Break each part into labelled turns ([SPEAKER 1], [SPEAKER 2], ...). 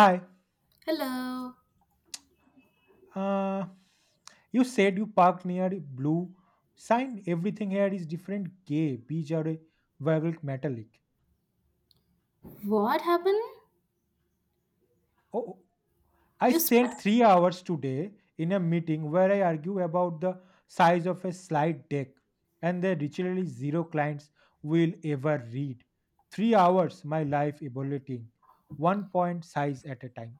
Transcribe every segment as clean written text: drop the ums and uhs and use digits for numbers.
[SPEAKER 1] Hi.
[SPEAKER 2] Hello.
[SPEAKER 1] Uh, you said you parked near a blue sign. Everything here is different. Gay, beige, or a vagal metallic.
[SPEAKER 2] What happened?
[SPEAKER 1] Oh, I
[SPEAKER 2] You sp-
[SPEAKER 1] spent 3 hours today in a meeting where I argue about the size of a slide deck, and the literally zero clients will ever read. 3 hours, my life evaluating one point size at a time.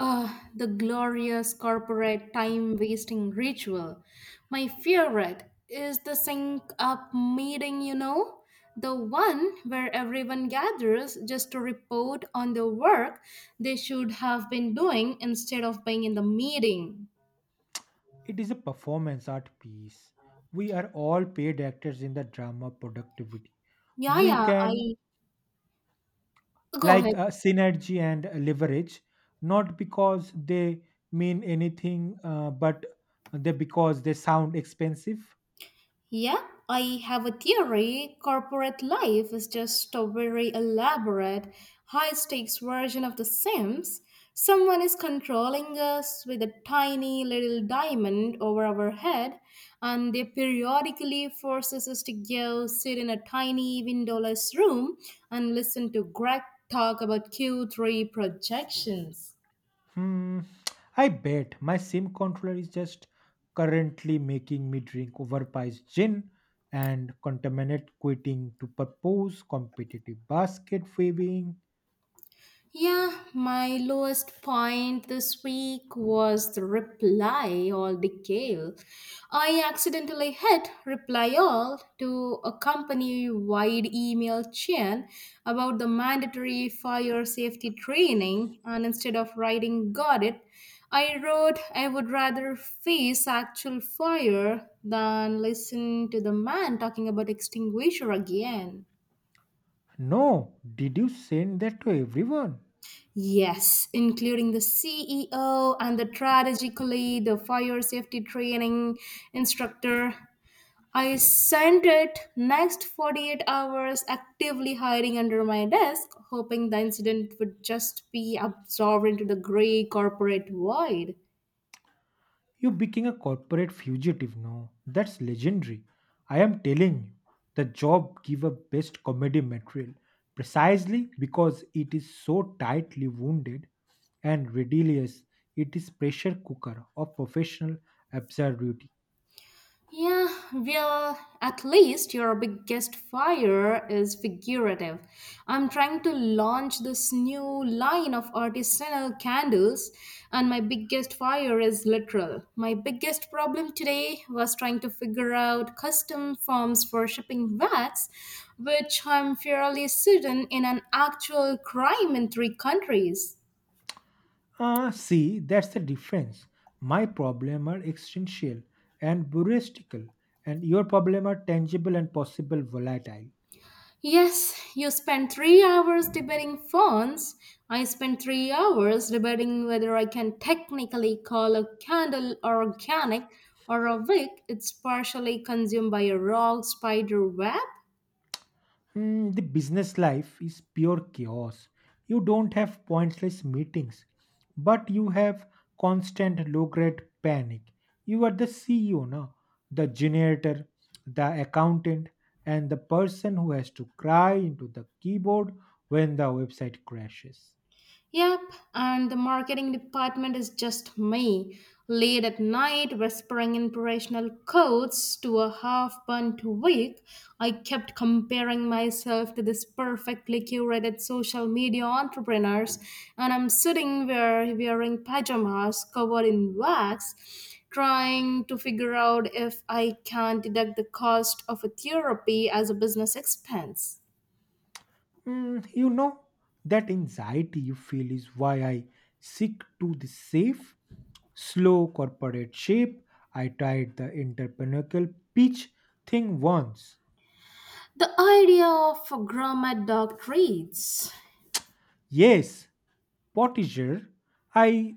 [SPEAKER 2] ah, the glorious corporate time wasting ritual. My favorite is the sync up meeting, you know, the one where everyone gathers just to report on the work they should have been doing instead of being in the meeting.
[SPEAKER 1] It is a performance art piece. We are all paid actors in the drama productivity.
[SPEAKER 2] Yeah,
[SPEAKER 1] We
[SPEAKER 2] yeah,
[SPEAKER 1] can
[SPEAKER 2] I go ahead.
[SPEAKER 1] like synergy and leverage, not because they mean anything, but they because they sound expensive.
[SPEAKER 2] Yeah, I have a theory. Corporate life is just a very elaborate, high stakes version of The Sims. Someone is controlling us with a tiny little diamond over our head, and they periodically forces us to go sit in a tiny windowless room and listen to Greg talk about Q3 projections.
[SPEAKER 1] Hmm. I bet my sim controller is just currently making me drink overpriced gin and contaminate quitting to propose competitive basket weaving.
[SPEAKER 2] Yeah, my lowest point this week was the reply all decal. I accidentally hit reply all to a company wide email chain about the mandatory fire safety training, and instead of writing got it, I wrote I would rather face actual fire than listen to the man talking about extinguisher again.
[SPEAKER 1] No, did you send that to everyone?
[SPEAKER 2] Yes, including the CEO and the strategically the fire safety training instructor. I sent it next 48 hours actively hiding under my desk, hoping the incident would just be absorbed into the gray corporate void.
[SPEAKER 1] You became a corporate fugitive, no. That's legendary. I am telling you, the job give a best comedy material precisely because it is so tightly wounded and ridiculous. It is pressure cooker of professional absurdity.
[SPEAKER 2] Yeah, well, at least your biggest fire is figurative. I'm trying to launch this new line of artisanal candles, and my biggest fire is literal. My biggest problem today was trying to figure out custom forms for shipping wax, which I'm fairly certain in an actual crime in three countries.
[SPEAKER 1] Ah, see, that's the difference. My problem are existential and heuristical, and your problem are tangible and possible volatile.
[SPEAKER 2] Yes, you spent 3 hours debating phones. I spent 3 hours debating whether I can technically call a candle organic or a wick. It's partially consumed by a raw spider web.
[SPEAKER 1] The business life is pure chaos. You don't have pointless meetings, but you have constant low grade panic. You are the CEO, no? The generator, the accountant, and the person who has to cry into the keyboard when the website crashes.
[SPEAKER 2] Yep, and the marketing department is just me, late at night whispering inspirational quotes to a half burnt week. I kept comparing myself to these perfectly curated social media entrepreneurs, and I'm sitting there wearing pajamas covered in wax, trying to figure out if I can deduct the cost of a therapy as a business expense.
[SPEAKER 1] You know that anxiety you feel is why I seek to the safe, slow corporate shape. I tried the entrepreneurial pitch thing once.
[SPEAKER 2] The idea of gourmet dog treats.
[SPEAKER 1] Yes, Portager, I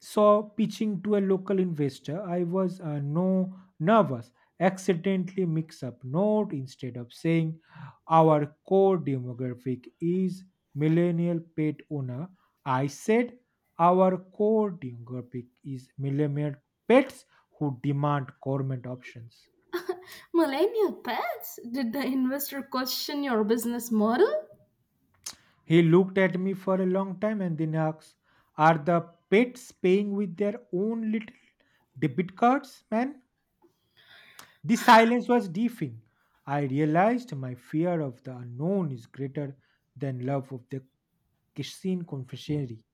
[SPEAKER 1] saw pitching to a local investor. I was no nervous. Accidentally mix up note instead of saying our core demographic is millennial pet owner. I said our core demographic is millennial pets who demand government options.
[SPEAKER 2] Millennial pets? Did the investor question your business model?
[SPEAKER 1] He looked at me for a long time and then asked, are the pets paying with their own little debit cards, man? The silence was deafening. I realized my fear of the unknown is greater than love of the Kishin confessionary.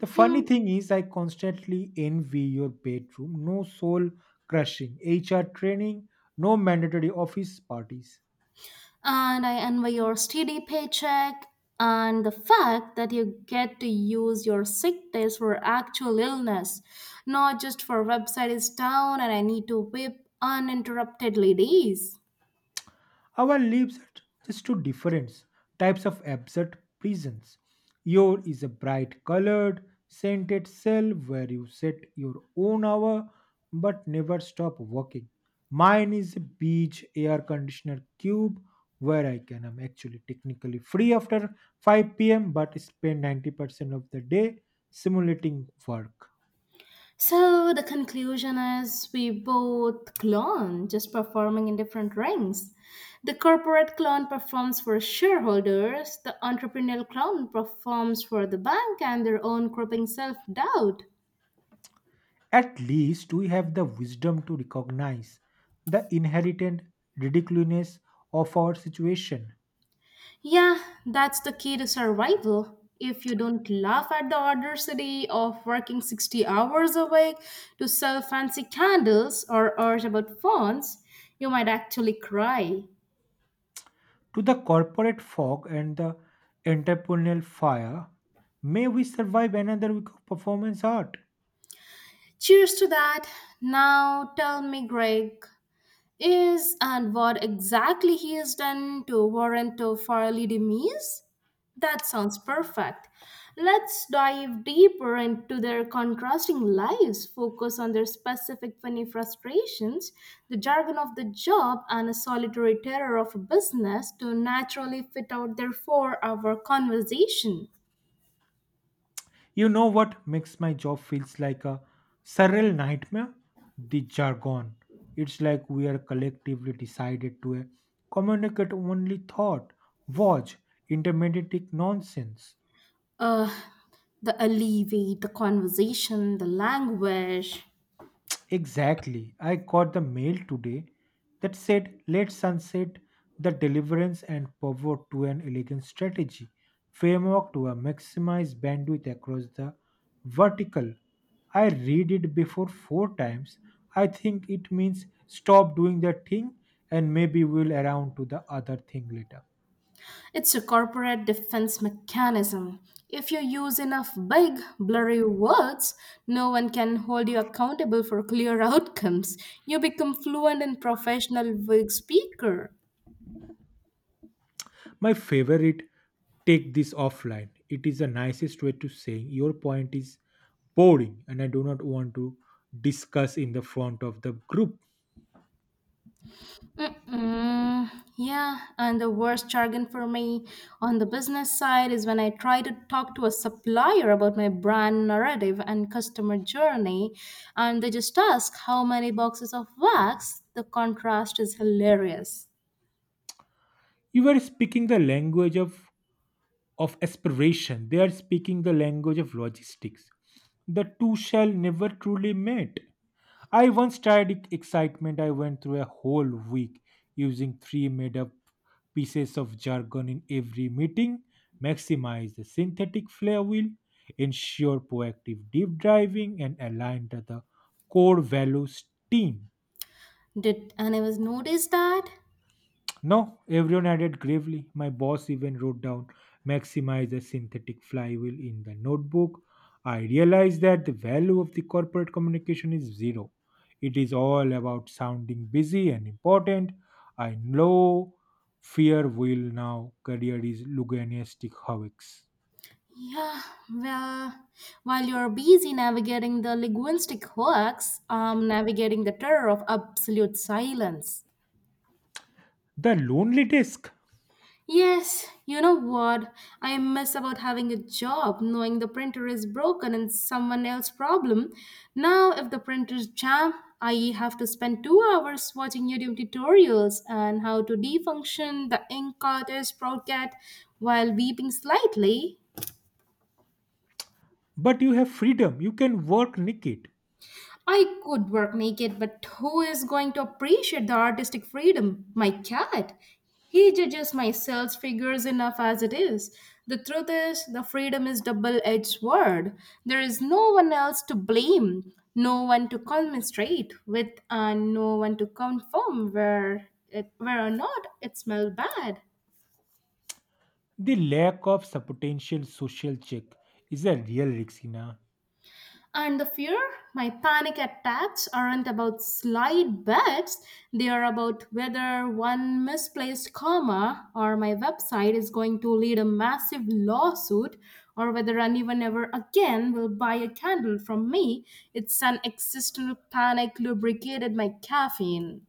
[SPEAKER 1] The funny thing is, I constantly envy your bedroom. No soul crushing, HR training, no mandatory office parties.
[SPEAKER 2] And I envy your steady paycheck and the fact that you get to use your sick days for actual illness, not just for website is down and I need to whip uninterruptedly days.
[SPEAKER 1] Our lives are just two different types of absurd prisons. Your is a bright colored, scented cell where you set your own hour but never stop working. Mine is a beach air conditioner cube where I can am actually technically free after 5 p.m. but spend 90% of the day simulating work.
[SPEAKER 2] So the conclusion is we both clone, just performing in different rings. The corporate clone performs for shareholders, the entrepreneurial clone performs for the bank and their own crippling self doubt.
[SPEAKER 1] At least we have the wisdom to recognize the inherent ridiculousness of our situation.
[SPEAKER 2] Yeah, that's the key to survival. If you don't laugh at the audacity of working 60 hours a week to sell fancy candles or urge about phones, you might actually cry.
[SPEAKER 1] To the corporate fog and the entrepreneurial fire, may we survive another week of performance art.
[SPEAKER 2] Cheers to that. Now tell me, Greg, is and what exactly he has done to warrant a Farley demise? That sounds perfect. Let's dive deeper into their contrasting lives, focus on their specific funny frustrations, the jargon of the job, and a solitary terror of a business to naturally fit out their 4 hour conversation.
[SPEAKER 1] You know what makes my job feels like a surreal nightmare? The jargon. It's like we are collectively decided to communicate only thought, watch, intermediate nonsense.
[SPEAKER 2] Uh, the alleviate, the conversation, the language.
[SPEAKER 1] Exactly. I got the mail today that said, let's sunset the deliverance and pivot to an elegant strategy framework to a maximize bandwidth across the vertical. I read it before four times. I think it means stop doing that thing and maybe we'll around to the other thing later.
[SPEAKER 2] It's a corporate defense mechanism. If you use enough big, blurry words, no one can hold you accountable for clear outcomes. You become fluent and professional vague speaker.
[SPEAKER 1] My favorite take this offline. It is the nicest way to say your point is boring and I do not want to discuss in the front of the group.
[SPEAKER 2] Mm-mm. Yeah, and the worst jargon for me on the business side is when I try to talk to a supplier about my brand narrative and customer journey, and they just ask how many boxes of wax. The contrast is hilarious.
[SPEAKER 1] You were speaking the language of aspiration. They are speaking the language of logistics. The two shall never truly meet. I once tried excitement. I went through a whole week using three made up pieces of jargon in every meeting, maximize the synthetic flare wheel, ensure proactive deep driving, and align to the core values team.
[SPEAKER 2] Did I never notice that?
[SPEAKER 1] No, everyone added gravely. My boss even wrote down maximize the synthetic flywheel in the notebook. I realized that the value of the corporate communication is zero. It is all about sounding busy and important. I know fear will now career is Luganistic Hawks.
[SPEAKER 2] Yeah, well, while you're busy navigating the linguistic hoax, I'm navigating the terror of absolute silence.
[SPEAKER 1] The lonely desk,
[SPEAKER 2] Yes, you know what? I miss about having a job, knowing the printer is broken and someone else's problem. Now, if the printer's jam, I have to spend 2 hours watching YouTube tutorials on how to defunction the ink cartridge sprocket while weeping slightly.
[SPEAKER 1] but you have freedom. You can work naked.
[SPEAKER 2] I could work naked, but who is going to appreciate the artistic freedom? My cat. He judges my sales figures enough as it is. The truth is, the freedom is double-edged sword. There is no one else to blame, no one to commiserate with, and no one to confirm where or not it smelled bad.
[SPEAKER 1] The lack of potential social check is a real risk, Hina.
[SPEAKER 2] And the fear? My panic attacks aren't about slide bets, they are about whether one misplaced comma or my website is going to lead a massive lawsuit or whether anyone ever again will buy a candle from me. It's an existential panic lubricated by caffeine.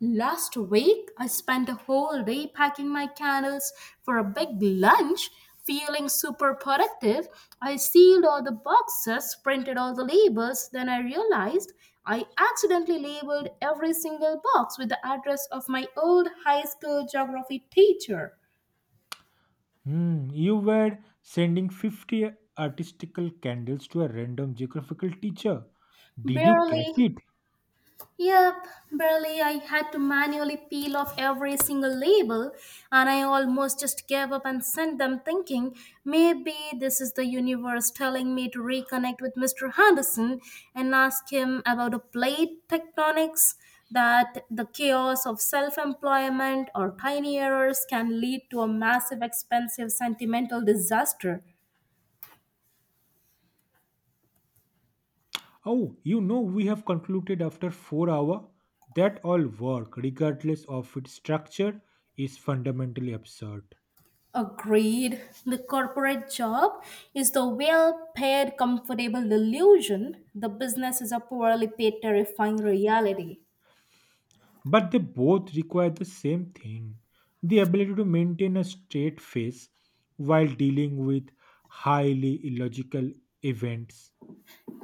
[SPEAKER 2] Last week, I spent the whole day packing my candles for a big lunch, feeling super productive. I sealed all the boxes, printed all the labels, then I realized I accidentally labeled every single box with the address of my old high school geography teacher.
[SPEAKER 1] Hmm, you were sending 50 artistical candles to a random geographical teacher. Did you
[SPEAKER 2] Barely.
[SPEAKER 1] catch it?
[SPEAKER 2] Yep, barely. I had to manually peel off every single label, and I almost just gave up and sent them thinking maybe this is the universe telling me to reconnect with Mr. Henderson and ask him about the plate tectonics, that the chaos of self employment or tiny errors can lead to a massive, expensive, sentimental disaster.
[SPEAKER 1] Oh, we have concluded after 4 hours hour that all work regardless of its structure is fundamentally absurd.
[SPEAKER 2] Agreed. The corporate job is the well paid, comfortable illusion. The business is a poorly paid, terrifying reality.
[SPEAKER 1] But they both require the same thing, the ability to maintain a straight face while dealing with highly illogical events.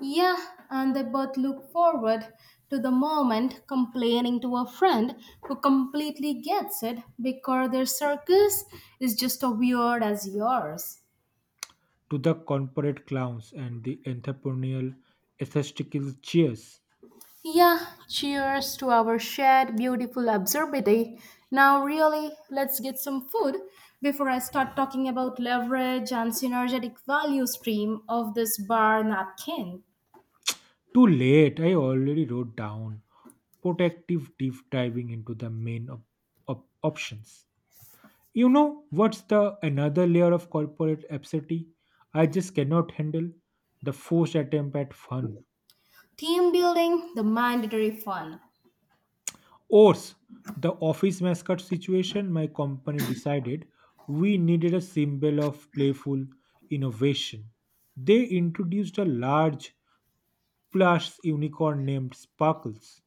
[SPEAKER 2] Yeah, and they both look forward to the moment complaining to a friend who completely gets it because their circus is just as weird as yours.
[SPEAKER 1] To the corporate clowns and the entrepreneurial aesthetical cheers.
[SPEAKER 2] Yeah, cheers to our shared beautiful absurdity. Now, really, let's get some food before I start talking about leverage and synergetic value stream of this bar napkin.
[SPEAKER 1] Too late, I already wrote down protective deep diving into the main options. You know what's the another layer of corporate absurdity I just cannot handle? The forced attempt at fun.
[SPEAKER 2] Team building, the mandatory fun.
[SPEAKER 1] Ours, the office mascot situation, my company decided we needed a symbol of playful innovation. They introduced a large plus unicorn named Sparkles.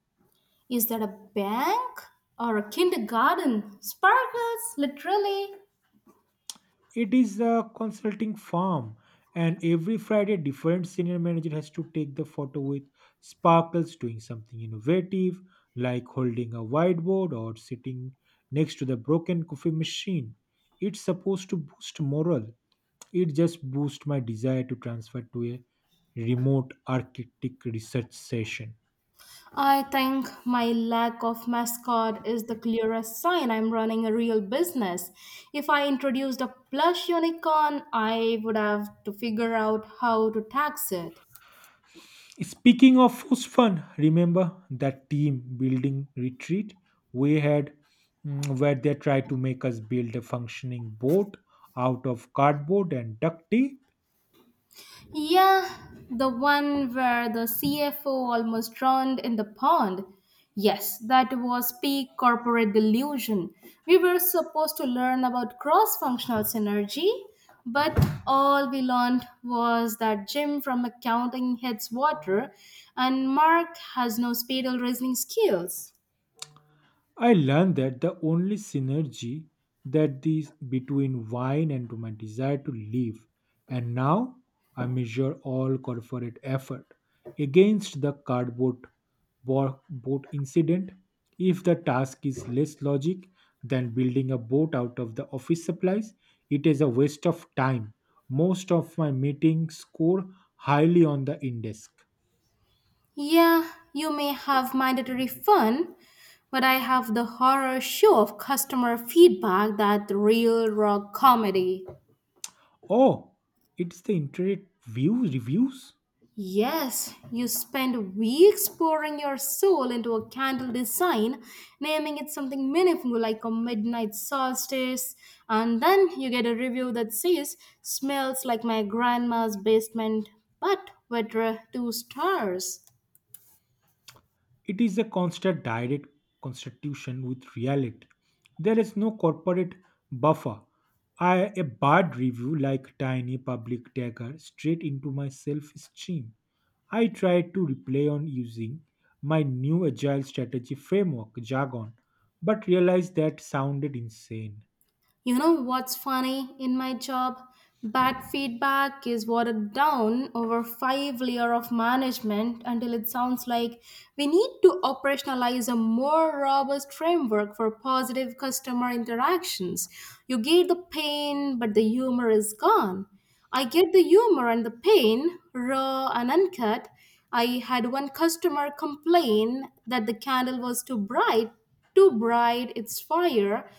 [SPEAKER 2] Is that a bank or a kindergarten? Sparkles, literally.
[SPEAKER 1] It is a consulting firm, and every Friday, different senior manager has to take the photo with Sparkles doing something innovative, like holding a whiteboard or sitting next to the broken coffee machine. It's supposed to boost morale. It just boosts my desire to transfer to a remote architect research session.
[SPEAKER 2] I think my lack of mascot is the clearest sign I'm running a real business. If I introduced a plush unicorn, I would have to figure out how to tax it.
[SPEAKER 1] Speaking of who's fun, remember that team building retreat we had where they tried to make us build a functioning boat out of cardboard and duct tape?
[SPEAKER 2] Yeah, the one where the CFO almost drowned in the pond. Yes, that was peak corporate delusion. We were supposed to learn about cross functional synergy, but all we learned was that Jim from accounting hates water and Mark has no spatial reasoning skills.
[SPEAKER 1] I learned that the only synergy that these between wine and my desire to live, and now I measure all corporate effort against the cardboard boat incident. If the task is less logic than building a boat out of the office supplies, it is a waste of time. Most of my meetings score highly on the indesk.
[SPEAKER 2] Yeah, you may have mandatory fun, but I have the horror show of customer feedback that real rock comedy.
[SPEAKER 1] Oh, it's the internet view reviews.
[SPEAKER 2] Yes, you spend weeks pouring your soul into a candle design, naming it something meaningful like a midnight solstice, and then you get a review that says, smells like my grandma's basement, but with two stars.
[SPEAKER 1] It is a constant direct constitution with reality. There is no corporate buffer. I a bad review like tiny public dagger straight into my self-esteem. I tried to replay on using my new agile strategy framework jargon, but realized that sounded insane.
[SPEAKER 2] You know what's funny in my job? Bad feedback is watered down over five layer of management until it sounds like we need to operationalize a more robust framework for positive customer interactions. You get the pain, but the humor is gone. I get the humor and the pain, raw and uncut. I had one customer complain that the candle was too bright, it's fire.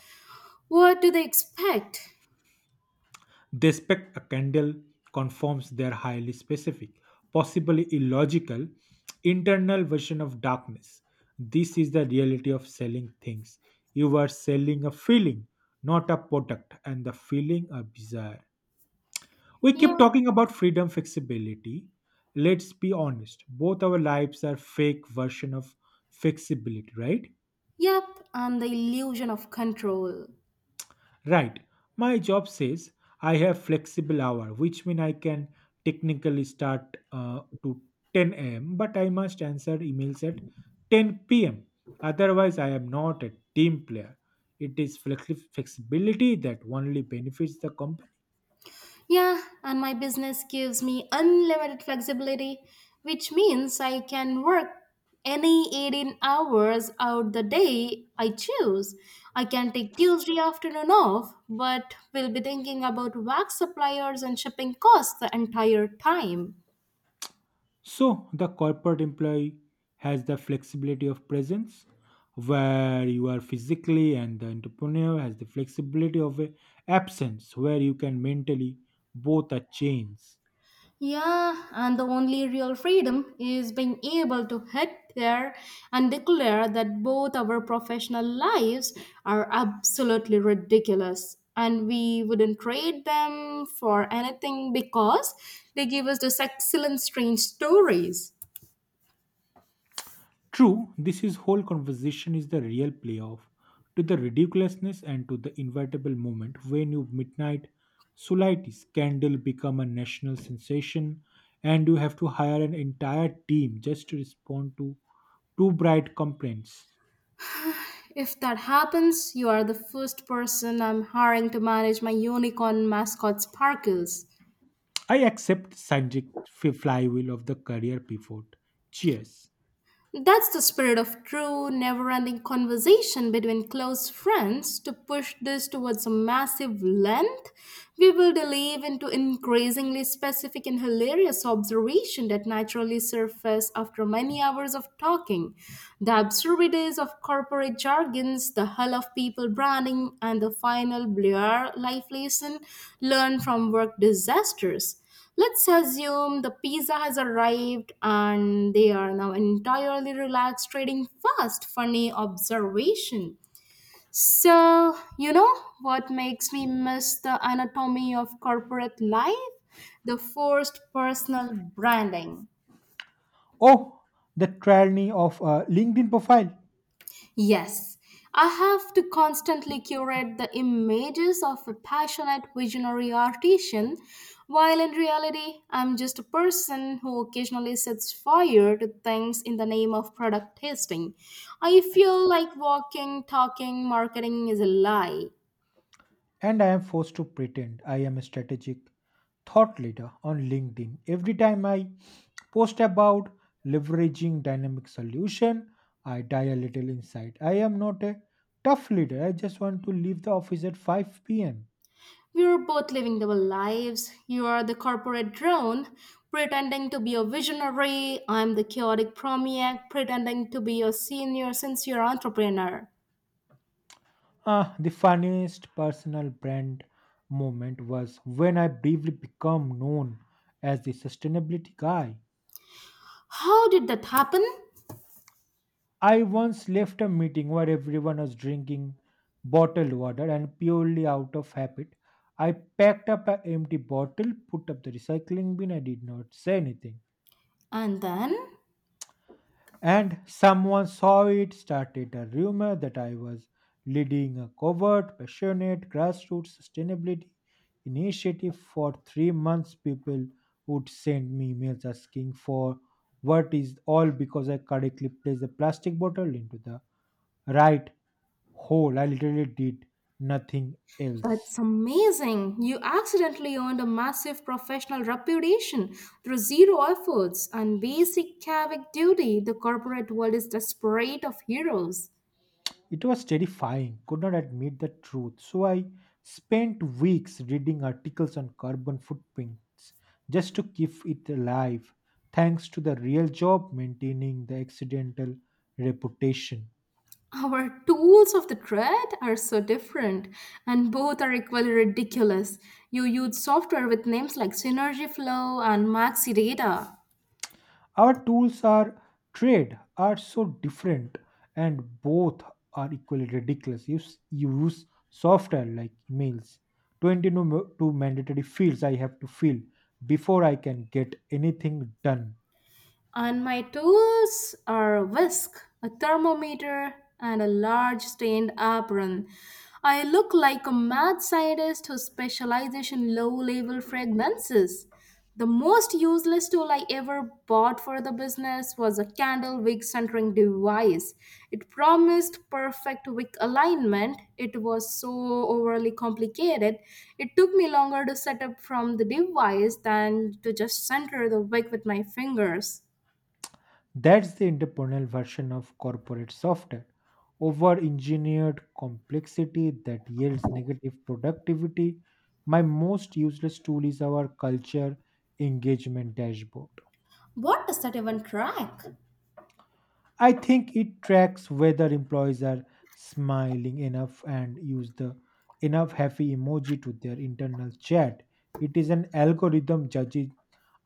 [SPEAKER 2] What do they expect?
[SPEAKER 1] They expect a candle conforms their highly specific, possibly illogical, internal version of darkness. This is the reality of selling things. You are selling a feeling, not a product, and the feeling a desire. We keep
[SPEAKER 2] Yeah,
[SPEAKER 1] talking about freedom, flexibility. Let's be honest. Both our lives are fake version of flexibility, right?
[SPEAKER 2] yep, and the illusion of control.
[SPEAKER 1] Right. My job says I have flexible hour, which mean I can technically start to 10 a.m. But I must answer emails at 10 p.m. Otherwise, I am not a team player. It is flexibility that only benefits the company.
[SPEAKER 2] Yeah, and my business gives me unlimited flexibility, which means I can work any 18 hours out the day I choose. I can take Tuesday afternoon off, but will be thinking about wax suppliers and shipping costs the entire time.
[SPEAKER 1] So the corporate employee has the flexibility of presence, where you are physically, and the entrepreneur has the flexibility of a absence, where you can mentally both are chains.
[SPEAKER 2] Yeah, and the only real freedom is being able to hit there and declare that both our professional lives are absolutely ridiculous and we wouldn't trade them for anything because they give us this excellent strange stories.
[SPEAKER 1] True, this is whole conversation is the real playoff to the ridiculousness and to the inevitable moment when you midnight Sulaiti scandal become a national sensation and you have to hire an entire team just to respond to two bright complaints.
[SPEAKER 2] If that happens, you are the first person I'm hiring to manage my unicorn mascot sparkles.
[SPEAKER 1] I accept Sanjay flywheel of the career pivot. Cheers.
[SPEAKER 2] That's the spirit of true, never ending conversation between close friends. To push this towards a massive length, we will delve into increasingly specific and hilarious observation that naturally surface after many hours of talking. The absurdities of corporate jargons, the hell of people branding, and the final blur life lesson learned from work disasters. Let's assume the pizza has arrived and they are now entirely relaxed, trading fast. Funny observation. So, you know what makes me miss the anatomy of corporate life? The forced personal branding.
[SPEAKER 1] Oh, the tyranny of a LinkedIn profile.
[SPEAKER 2] Yes, I have to constantly curate the images of a passionate visionary artisan, while in reality, I'm just a person who occasionally sets fire to things in the name of product testing. I feel like walking, talking, marketing is a lie.
[SPEAKER 1] And I am forced to pretend I am a strategic thought leader on LinkedIn. Every time I post about leveraging dynamic solution, I die a little inside. I am not a tough leader. I just want to leave the office at 5 p.m.
[SPEAKER 2] We are both living double lives. You are the corporate drone, pretending to be a visionary. I'm the chaotic promiac, pretending to be a senior, sincere entrepreneur.
[SPEAKER 1] Ah, the funniest personal brand moment was when I briefly became known as the sustainability guy.
[SPEAKER 2] How did that happen?
[SPEAKER 1] I once left a meeting where everyone was drinking bottled water and purely out of habit. I packed up an empty bottle, put up the recycling bin, I did not say anything
[SPEAKER 2] And then,
[SPEAKER 1] and someone saw it, started a rumor that I was leading a covert, passionate grassroots sustainability initiative. For 3 months, people would send me emails asking for what is all because I correctly placed the plastic bottle into the right hole. I literally did nothing
[SPEAKER 2] that's
[SPEAKER 1] else.
[SPEAKER 2] amazing. You accidentally earned a massive professional reputation through zero efforts and basic civic duty. The corporate world is desperate of heroes.
[SPEAKER 1] It was terrifying, could not admit the truth. So I spent weeks reading articles on carbon footprints just to keep it alive, thanks to the real job maintaining the accidental reputation.
[SPEAKER 2] Our tools of the trade are so different, and both are equally ridiculous. You use software with names like Synergy Flow and Maxi Data.
[SPEAKER 1] Our tools are trade are so different and both are equally ridiculous. You, you use software like emails, 22 mandatory fields I have to fill before I can get anything done.
[SPEAKER 2] And my tools are a whisk, a thermometer, and a large stained apron. I look like a mad scientist who specializes in low level fragrances. The most useless tool I ever bought for the business was a candle wick centering device. It promised perfect wick alignment. It was so overly complicated. It took me longer to set up from the device than to just center the wick with my fingers.
[SPEAKER 1] That's the entrepreneurial version of corporate software. Over engineered complexity that yields negative productivity. My most useless tool is our culture engagement dashboard.
[SPEAKER 2] What does that even track?
[SPEAKER 1] I think it tracks whether employees are smiling enough and use the enough happy emoji to their internal chat. It is an algorithm judging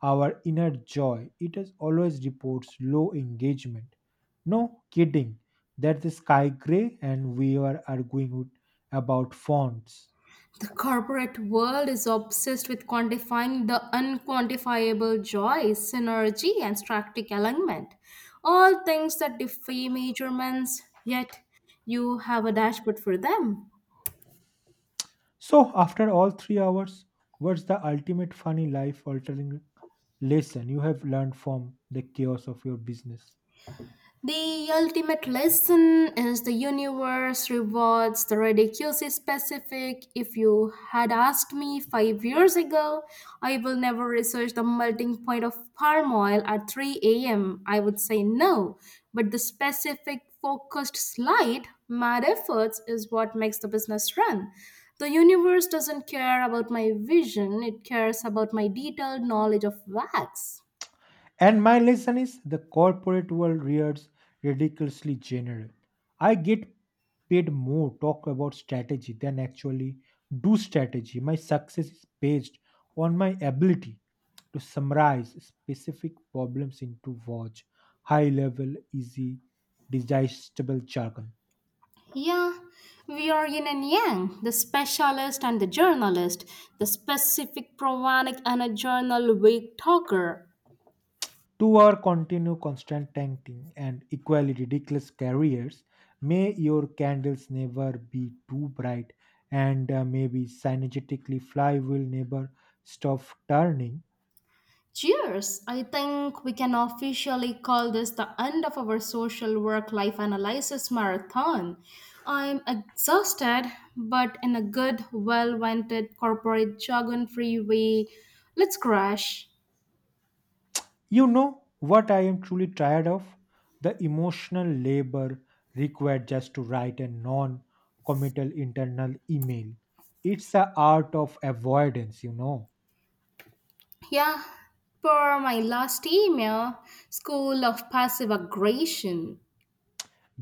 [SPEAKER 1] our inner joy. It has always reports low engagement. No kidding. That's the sky gray, and we are about fonts.
[SPEAKER 2] The corporate world is obsessed with quantifying the unquantifiable joy, synergy, and strategic alignment. All things that defy measurements, yet you have a dashboard for them.
[SPEAKER 1] So, after all 3 hours, what's the ultimate funny life altering lesson you have learned from the chaos of your business?
[SPEAKER 2] The ultimate lesson is the universe rewards the ridiculously specific. If you had asked me 5 years ago, I will never research the melting point of palm oil at 3 a.m., I would say no. But the specific focused slide, mad efforts, is what makes the business run. The universe doesn't care about my vision, it cares about my detailed knowledge of wax.
[SPEAKER 1] And my lesson is the corporate world rears ridiculously general. I get paid more talk about strategy than actually do strategy. My success is based on my ability to summarize specific problems into watch, high level, easy, digestible jargon.
[SPEAKER 2] Yeah, we are yin and yang, the specialist and the journalist, the specific provanic and a journal week talker.
[SPEAKER 1] To our continue constant tanking and equally ridiculous careers, may your candles never be too bright, and maybe synergetically fly will never stop turning.
[SPEAKER 2] Cheers! I think we can officially call this the end of our social work life analysis marathon. I'm exhausted, but in a good, well wanted corporate jargon free way. Let's crash.
[SPEAKER 1] You know what I am truly tired of? The emotional labor required just to write a non committal internal email. It's a art of avoidance, you know.
[SPEAKER 2] Yeah, for my last email, School of Passive Aggression.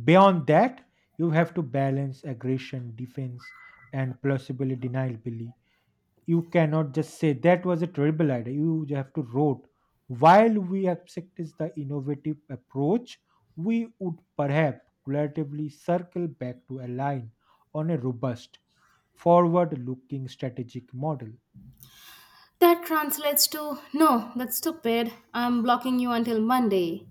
[SPEAKER 1] Beyond that, you have to balance aggression, defense, and plausible deniability. You cannot just say that was a terrible idea. You have to wrote. While we accept is the innovative approach, we would perhaps relatively circle back to align on a robust, forward-looking strategic model.
[SPEAKER 2] That translates to no, that's stupid. I'm blocking you until Monday.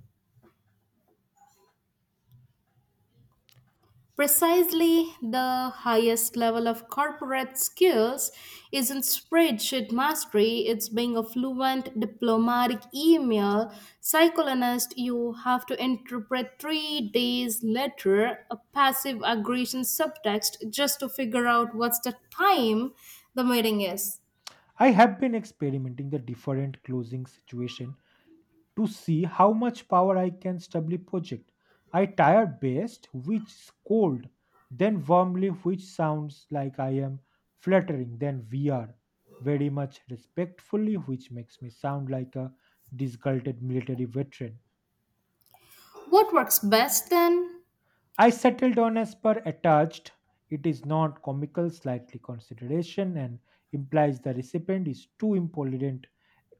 [SPEAKER 2] Precisely the highest level of corporate skills isn't spreadsheet mastery, it's being a fluent diplomatic email psychoanalyst. You have to interpret 3 days later a passive aggression subtext just to figure out what's the time the meeting is.
[SPEAKER 1] I have been experimenting the different closing situation to see how much power I can stably project. I tire best which is cold, then warmly, which sounds like I am flattering, then we are very much respectfully, which makes me sound like a disgruntled military veteran.
[SPEAKER 2] What works best then?
[SPEAKER 1] I settled on as per attached. It is not comical, slightly consideration, and implies the recipient is too impolite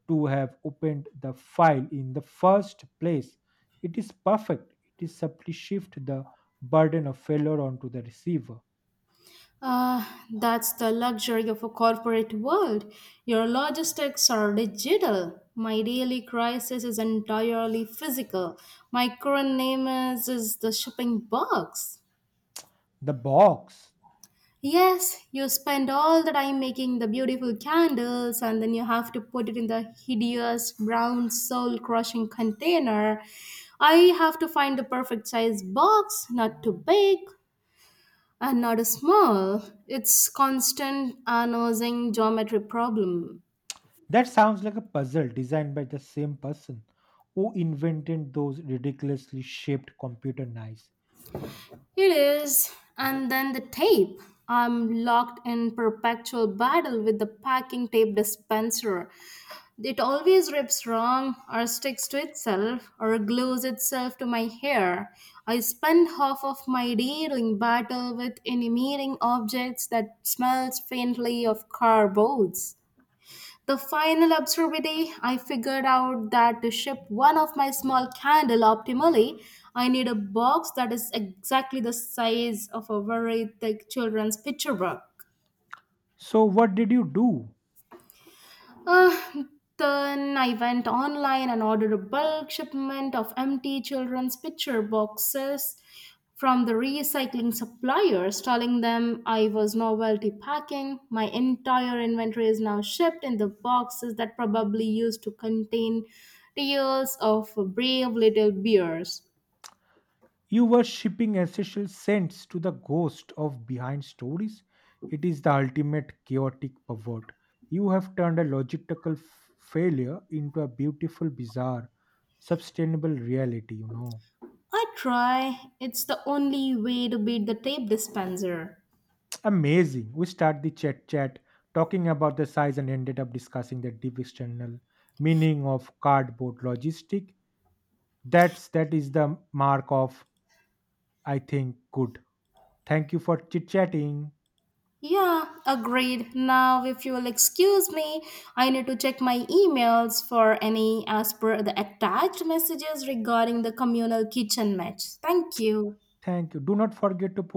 [SPEAKER 1] to have opened the file in the first place. It is perfect. It is subtly shift the burden of failure onto the receiver.
[SPEAKER 2] Ah, that's the luxury of a corporate world. Your logistics are digital. My daily crisis is entirely physical. My current name is the shipping box.
[SPEAKER 1] The box.
[SPEAKER 2] Yes, you spend all the time making the beautiful candles and then you have to put it in the hideous brown soul crushing container. I have to find the perfect size box, not too big, and not a small, it's constant annoying geometry problem.
[SPEAKER 1] That sounds like a puzzle designed by the same person who invented those ridiculously shaped computer knives.
[SPEAKER 2] It is. And then the tape. I'm locked in perpetual battle with the packing tape dispenser. It always rips wrong or sticks to itself or glues itself to my hair. I spend half of my day doing battle with enamel objects that smells faintly of cardboards. The final absurdity, I figured out that to ship one of my small candle optimally, I need a box that is exactly the size of a very thick children's picture book.
[SPEAKER 1] So, what did you do?
[SPEAKER 2] Uh, then I went online and ordered a bulk shipment of empty children's picture boxes from the recycling suppliers, telling them I was novelty packing. My entire inventory is now shipped in the boxes that probably used to contain tales of brave little bears.
[SPEAKER 1] You were shipping ancestral saints to the ghost of behind stories? It is the ultimate chaotic pervert. You have turned a logistical failure into a beautiful, bizarre, sustainable reality, you know.
[SPEAKER 2] I try, it's the only way to beat the tape dispenser.
[SPEAKER 1] Amazing. We start the chat talking about the size and ended up discussing the deep external meaning of cardboard logistic. That is the mark of I think good. Thank you for chit chatting.
[SPEAKER 2] Yeah, agreed. Now, if you'll excuse me, I need to check my emails for any as per the attached messages regarding the communal kitchen match. Thank you.
[SPEAKER 1] Thank you. Do not forget to put